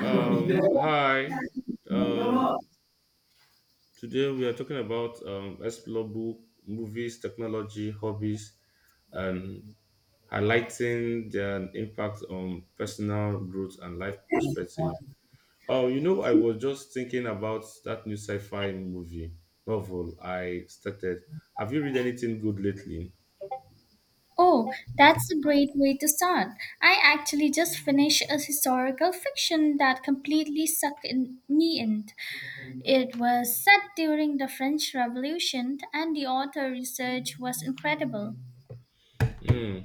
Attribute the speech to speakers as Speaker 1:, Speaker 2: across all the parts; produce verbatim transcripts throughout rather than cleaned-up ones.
Speaker 1: Um, hi. Um, today we are talking about um, explore book, movies, technology, hobbies, and highlighting their impact on personal growth and life perspective. Oh, you know, I was just thinking about that new sci-fi movie novel I started. Have you read anything good lately?
Speaker 2: Oh, that's a great way to start. I actually just finished a historical fiction that completely sucked in, me in. It was set during the French Revolution, and the author research was incredible.
Speaker 1: Hmm.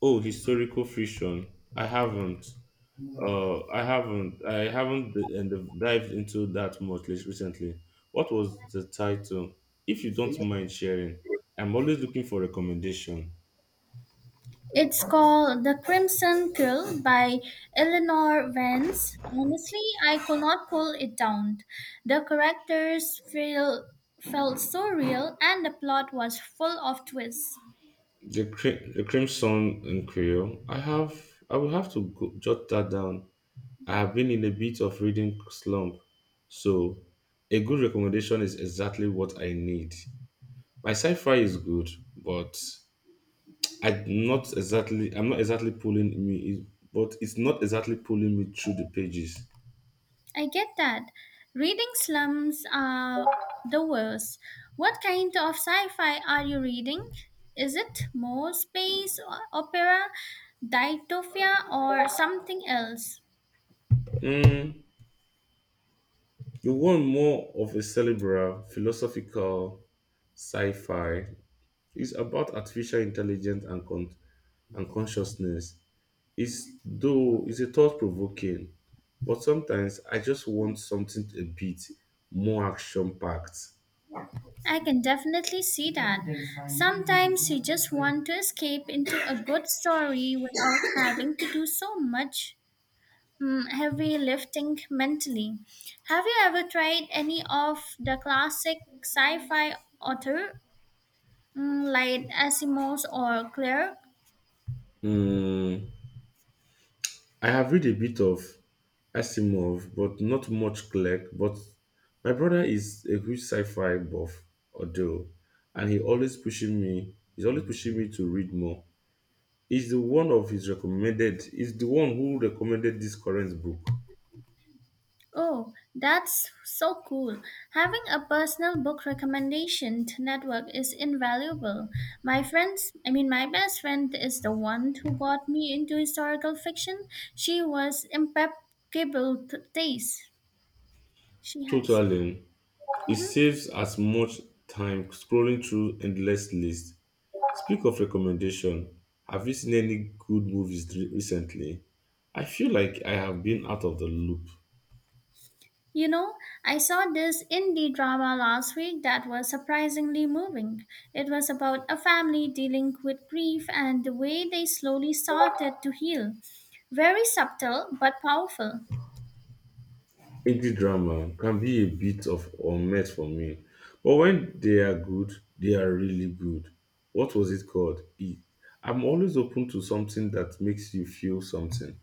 Speaker 1: Oh, historical fiction. I haven't. Uh, I haven't. I haven't d- and d- dived into that much lis- recently. What was the title? If you don't mind sharing, I'm always looking for recommendation.
Speaker 2: It's called The Crimson Curl by Eleanor Vance. Honestly, I could not pull it down. The characters feel, felt so real, and the plot was full of twists.
Speaker 1: The cri- the Crimson in Creole. I have. I will have to go, jot that down. I have been in a bit of reading slump, so a good recommendation is exactly what I need. My sci-fi is good, but I'm not exactly I'm not exactly pulling me, but it's not exactly pulling me through the pages.
Speaker 2: I get that. Reading slums are the worst. What kind of sci fi are you reading? Is it more space o- opera, dystopia, or something else?
Speaker 1: Mm, you want more of a cerebral, philosophical sci-fi. It's about artificial intelligence and con- and consciousness. It's though it's a thought-provoking, but sometimes I just want something a bit more action-packed.
Speaker 2: I can definitely see that. Sometimes you just want to escape into a good story without having to do so much mm, heavy lifting mentally. Have you ever tried any of the classic sci fi author Mm, like Asimov's or Claire?
Speaker 1: Mm. I have read a bit of Asimov, but not much Clark. But my brother is a huge sci-fi buff, although, and he always pushing me. He's always pushing me to read more. He's the one of his recommended. He's the one who recommended this current book.
Speaker 2: Oh, that's so cool. Having a personal book recommendation network is invaluable. My friends, I mean, my best friend is the one who got me into historical fiction. She was impeccable t- taste. She has.
Speaker 1: Totally, it
Speaker 2: Mhm.
Speaker 1: saves as much time scrolling through endless lists. Speak of recommendation, have you seen any good movies re- recently? I feel like I have been out of the loop.
Speaker 2: You know, I saw this indie drama last week that was surprisingly moving. It was about a family dealing with grief and the way they slowly started to heal. Very subtle but powerful.
Speaker 1: Indie drama can be a bit of unmet for me, but when they are good, they are really good. What was it called? E- I'm always open to something that makes you feel something.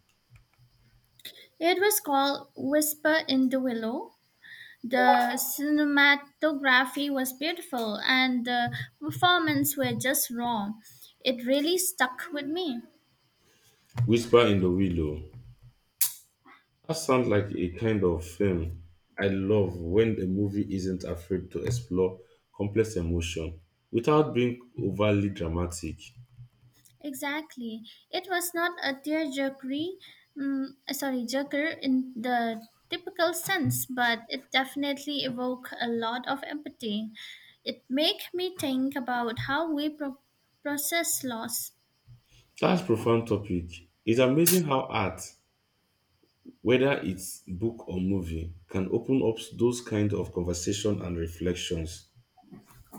Speaker 2: It was called Whisper in the Willow. The cinematography was beautiful and the performances were just raw. It really stuck with me.
Speaker 1: Whisper in the Willow. That sounds like a kind of film I love when a movie isn't afraid to explore complex emotion without being overly dramatic.
Speaker 2: Exactly. It was not a tearjerkery, mm, sorry, jerker in the typical sense, but it definitely evoked a lot of empathy. It made me think about how we pro- process loss.
Speaker 1: That's profound topic. It's amazing how art whether it's book or movie, can open up those kind of conversation and reflections.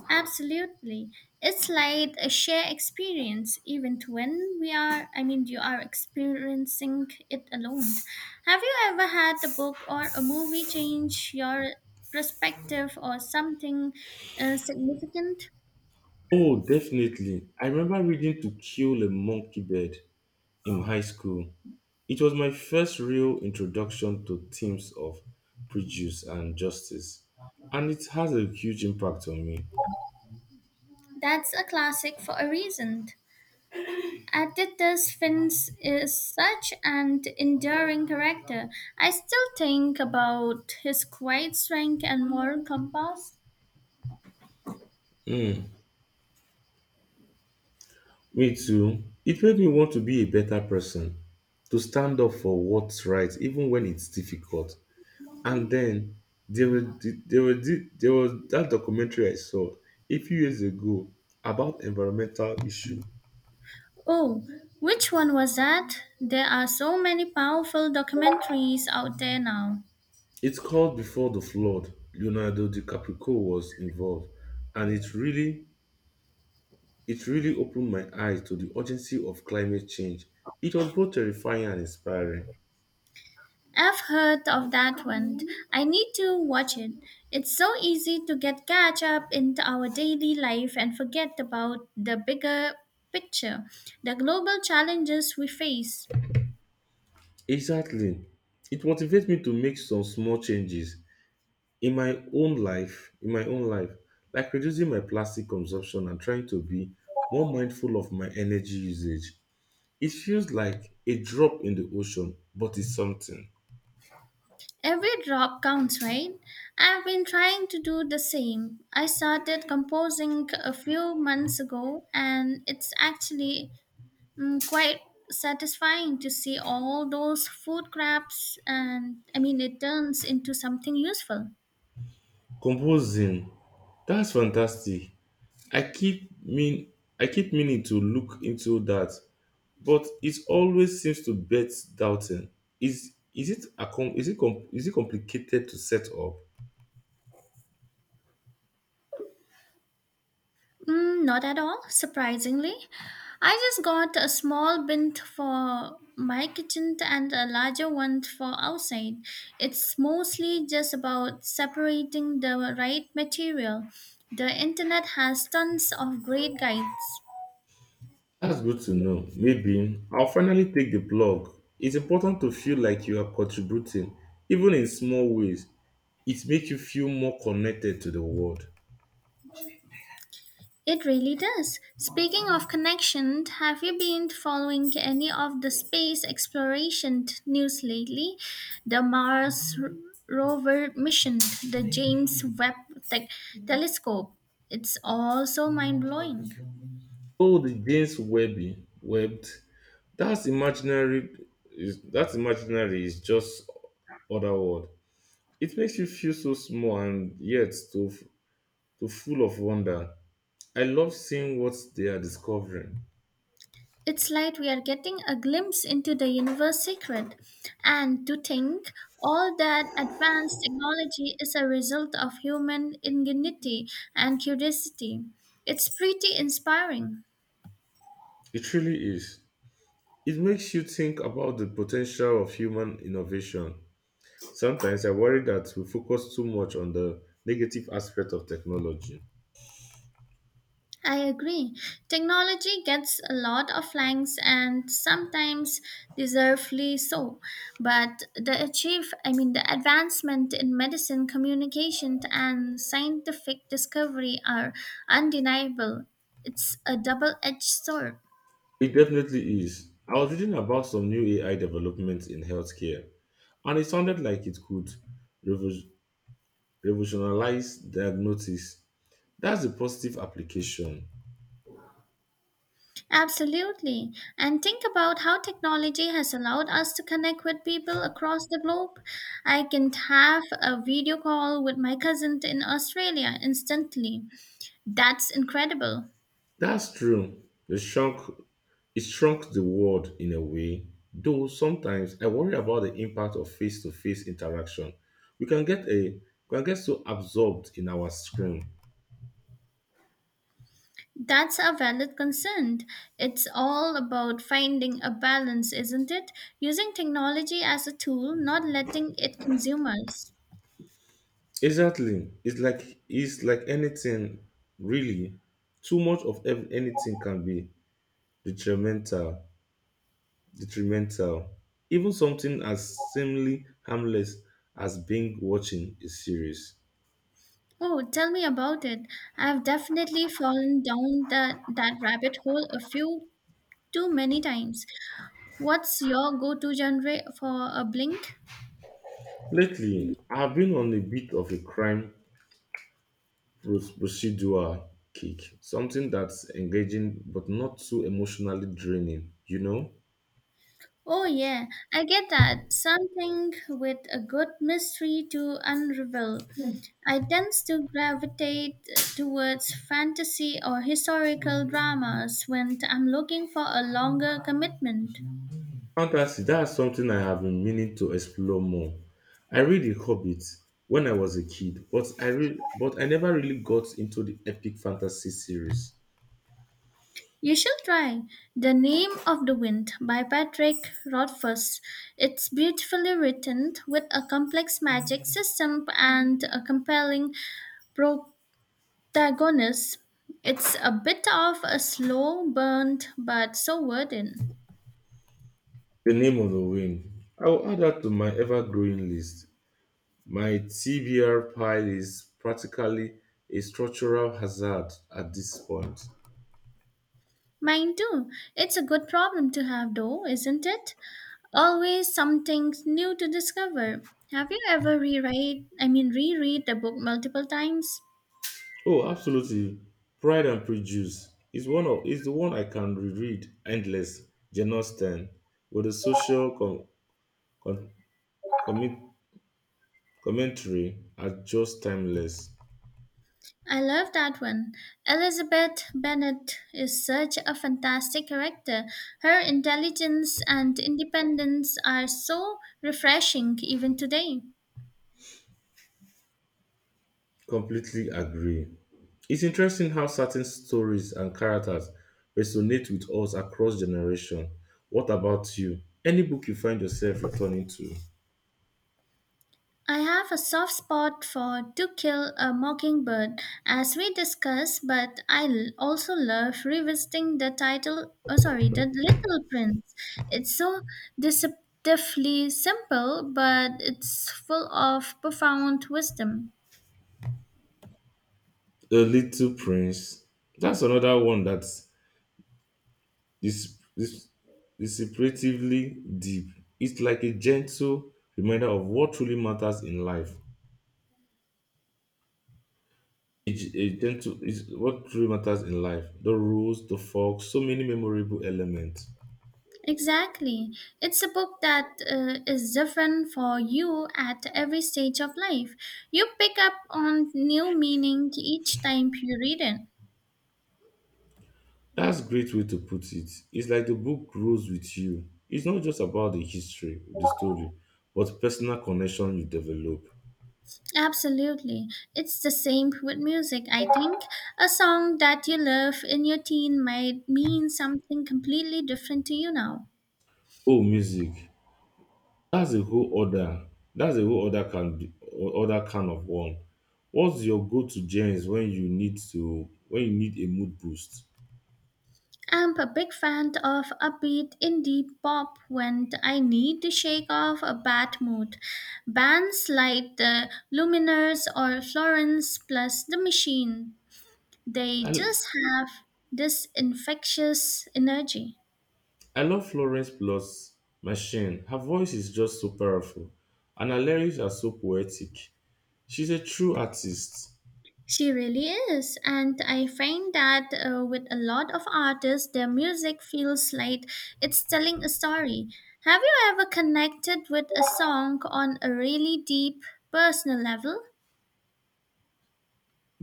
Speaker 2: Absolutely. It's like a shared experience, even when we are, I mean, you are experiencing it alone. Have you ever had a book or a movie change your perspective or something uh, significant?
Speaker 1: Oh, definitely. I remember reading To Kill a Monkey Bird in high school. It was my first real introduction to themes of prejudice and justice, and it has a huge impact on me.
Speaker 2: That's a classic for a reason. Atticus Finch is such an enduring character. I still think about his quiet strength and moral compass.
Speaker 1: Mm, Me too. It made me want to be a better person, to stand up for what's right, even when it's difficult. And then there was there was thi- there was that documentary I saw a few years ago about environmental issue.
Speaker 2: Oh, which one was that? There are so many powerful documentaries out there now.
Speaker 1: It's called Before the Flood. Leonardo DiCaprio was involved, and it really it really opened my eyes to the urgency of climate change. It was both terrifying and inspiring.
Speaker 2: I've heard of that one. I need to watch it. It's so easy to get catch up into our daily life and forget about the bigger picture, the global challenges we face.
Speaker 1: Exactly, it motivates me to make some small changes in my own life in my own life like reducing my plastic consumption and trying to be more mindful of my energy usage. It feels like a drop in the ocean but it's something.
Speaker 2: Every drop counts, right? I've been trying to do the same. I started composing a few months ago and it's actually Mm, quite satisfying to see all those food crafts, and I mean, it turns into something useful.
Speaker 1: Composing, that's fantastic. I keep mean i keep meaning to look into that, but it always seems to bet doubting. is is it a com- is it com- is it complicated to set up?
Speaker 2: Mm, not at all, surprisingly. I just got a small bin for my kitchen and a larger one for outside. It's mostly just about separating the right material. The internet has tons of great guides.
Speaker 1: That's good to know. Maybe I'll finally take the blog. It's important to feel like you are contributing, even in small ways. It makes you feel more connected to the world.
Speaker 2: It really does. Speaking of connection, have you been following any of the space exploration t- news lately? The Mars r- rover mission, the James Webb te- telescope. It's all so mind blowing.
Speaker 1: Oh, the James Webby webbed. That's imaginary. Is that's imaginary is just other word. It makes you feel so small and yet so f- so full of wonder. I love seeing what they are discovering.
Speaker 2: It's like we are getting a glimpse into the universe secret. And to think all that advanced technology is a result of human ingenuity and curiosity. It's pretty inspiring.
Speaker 1: It really is. It makes you think about the potential of human innovation. Sometimes I worry that we focus too much on the negative aspect of technology.
Speaker 2: I agree. Technology gets a lot of likes and sometimes deservedly so. But the achieve I mean the advancement in medicine, communication and scientific discovery are undeniable. It's a double-edged sword.
Speaker 1: It definitely is. I was reading about some new A I developments in healthcare, and it sounded like it could revo- revolutionize diagnosis. That's a positive application.
Speaker 2: Absolutely. And think about how technology has allowed us to connect with people across the globe. I can have a video call with my cousin in Australia instantly. That's incredible.
Speaker 1: That's true. It shrunk, it shrunk the world in a way, though sometimes I worry about the impact of face to face interaction. We can get a we can get so absorbed in our screen.
Speaker 2: That's a valid concern. It's all about finding a balance, isn't it? Using technology as a tool, not letting it consume us.
Speaker 1: Exactly. It's like it's like anything really. Too much of ev- anything can be detrimental. Detrimental. Even something as seemingly harmless as being watching a series.
Speaker 2: Oh, tell me about it. I've definitely fallen down the, that rabbit hole a few too many times. What's your go to genre for a blink?
Speaker 1: Lately, I've been on a bit of a crime pros- procedural kick, something that's engaging but not too emotionally draining, you know?
Speaker 2: Oh, yeah, I get that. Something with a good mystery to unravel. I tend to gravitate towards fantasy or historical dramas when I'm looking for a longer commitment.
Speaker 1: Fantasy, that's something I have been meaning to explore more. I read The Hobbit when I was a kid, but I re- but I never really got into the epic fantasy series.
Speaker 2: You should try The Name of the Wind by Patrick Rothfuss. It's beautifully written with a complex magic system and a compelling pro- Tagonis. It's a bit of a slow burn, but so worth it.
Speaker 1: The Name of the Wind. I will add that to my ever-growing list. My T B R pile is practically a structural hazard at this point.
Speaker 2: Mine too. It's a good problem to have, though, isn't it? Always something new to discover. Have you ever reread, I mean, reread the book multiple times?
Speaker 1: Oh, absolutely. Pride and Prejudice is one of is the one I can reread endless. Jane Austen with the social com, com, commit, commentary are just timeless.
Speaker 2: I love that one. Elizabeth Bennet is such a fantastic character. Her intelligence and independence are so refreshing even today.
Speaker 1: Completely agree. It's interesting how certain stories and characters resonate with us across generation. What about you? Any book you find yourself returning to?
Speaker 2: I have a soft spot for To Kill a Mockingbird, as we discussed, but I l- also love revisiting the title, oh sorry, The Little Prince. It's so deceptively simple, but it's full of profound wisdom.
Speaker 1: The Little Prince. That's another one that's This this desecratively deep. It's like a gentle reminder of what truly matters in life. It- a gentle is what truly matters in life. The rules, the fork, so many memorable elements.
Speaker 2: Exactly. It's a book that uh, is different for you at every stage of life. You pick up on new meaning each time you read it.
Speaker 1: That's a great way to put it. It's like the book grows with you. It's not just about the history, the story, but personal connection you develop.
Speaker 2: Absolutely. It's the same with music, I think. A song that you love in your teen might mean something completely different to you now.
Speaker 1: Oh, music. That's a whole other that's a whole other can other kind of one. What's your go-to gems when you need to when you need a mood boost?
Speaker 2: I'm a big fan of upbeat indie pop when I need to shake off a bad mood. Bands like the Luminers or Florence plus The Machine, they
Speaker 1: I
Speaker 2: just have this infectious energy.
Speaker 1: I love Florence Plus Machine. Her voice is just so powerful, and her lyrics are so poetic. She's a true artist.
Speaker 2: She really is, and I find that uh, with a lot of artists, their music feels like it's telling a story. Have you ever connected with a song on a really deep personal level?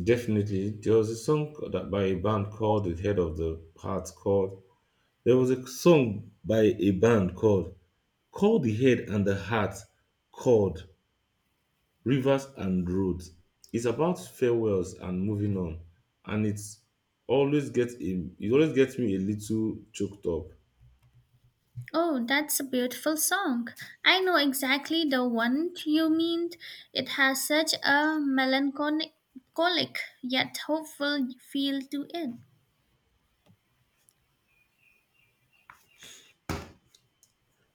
Speaker 1: Definitely, there was a song that by a band called "The Head of the Heart" called. There was a song by a band called "Called the Head and the Heart" called Rivers and roads. It's about farewells and moving on, and it's always gets a, it always gets me a little choked up.
Speaker 2: Oh, that's a beautiful song. I know exactly the one you mean. It has such a melancholic yet hopeful feel to it.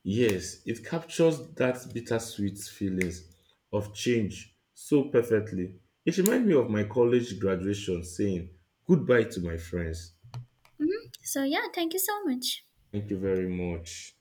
Speaker 1: Yes, it captures that bittersweet feelings of change so perfectly. It reminds me of my college graduation saying goodbye to my friends.
Speaker 2: So, yeah, thank you so much.
Speaker 1: Thank you very much.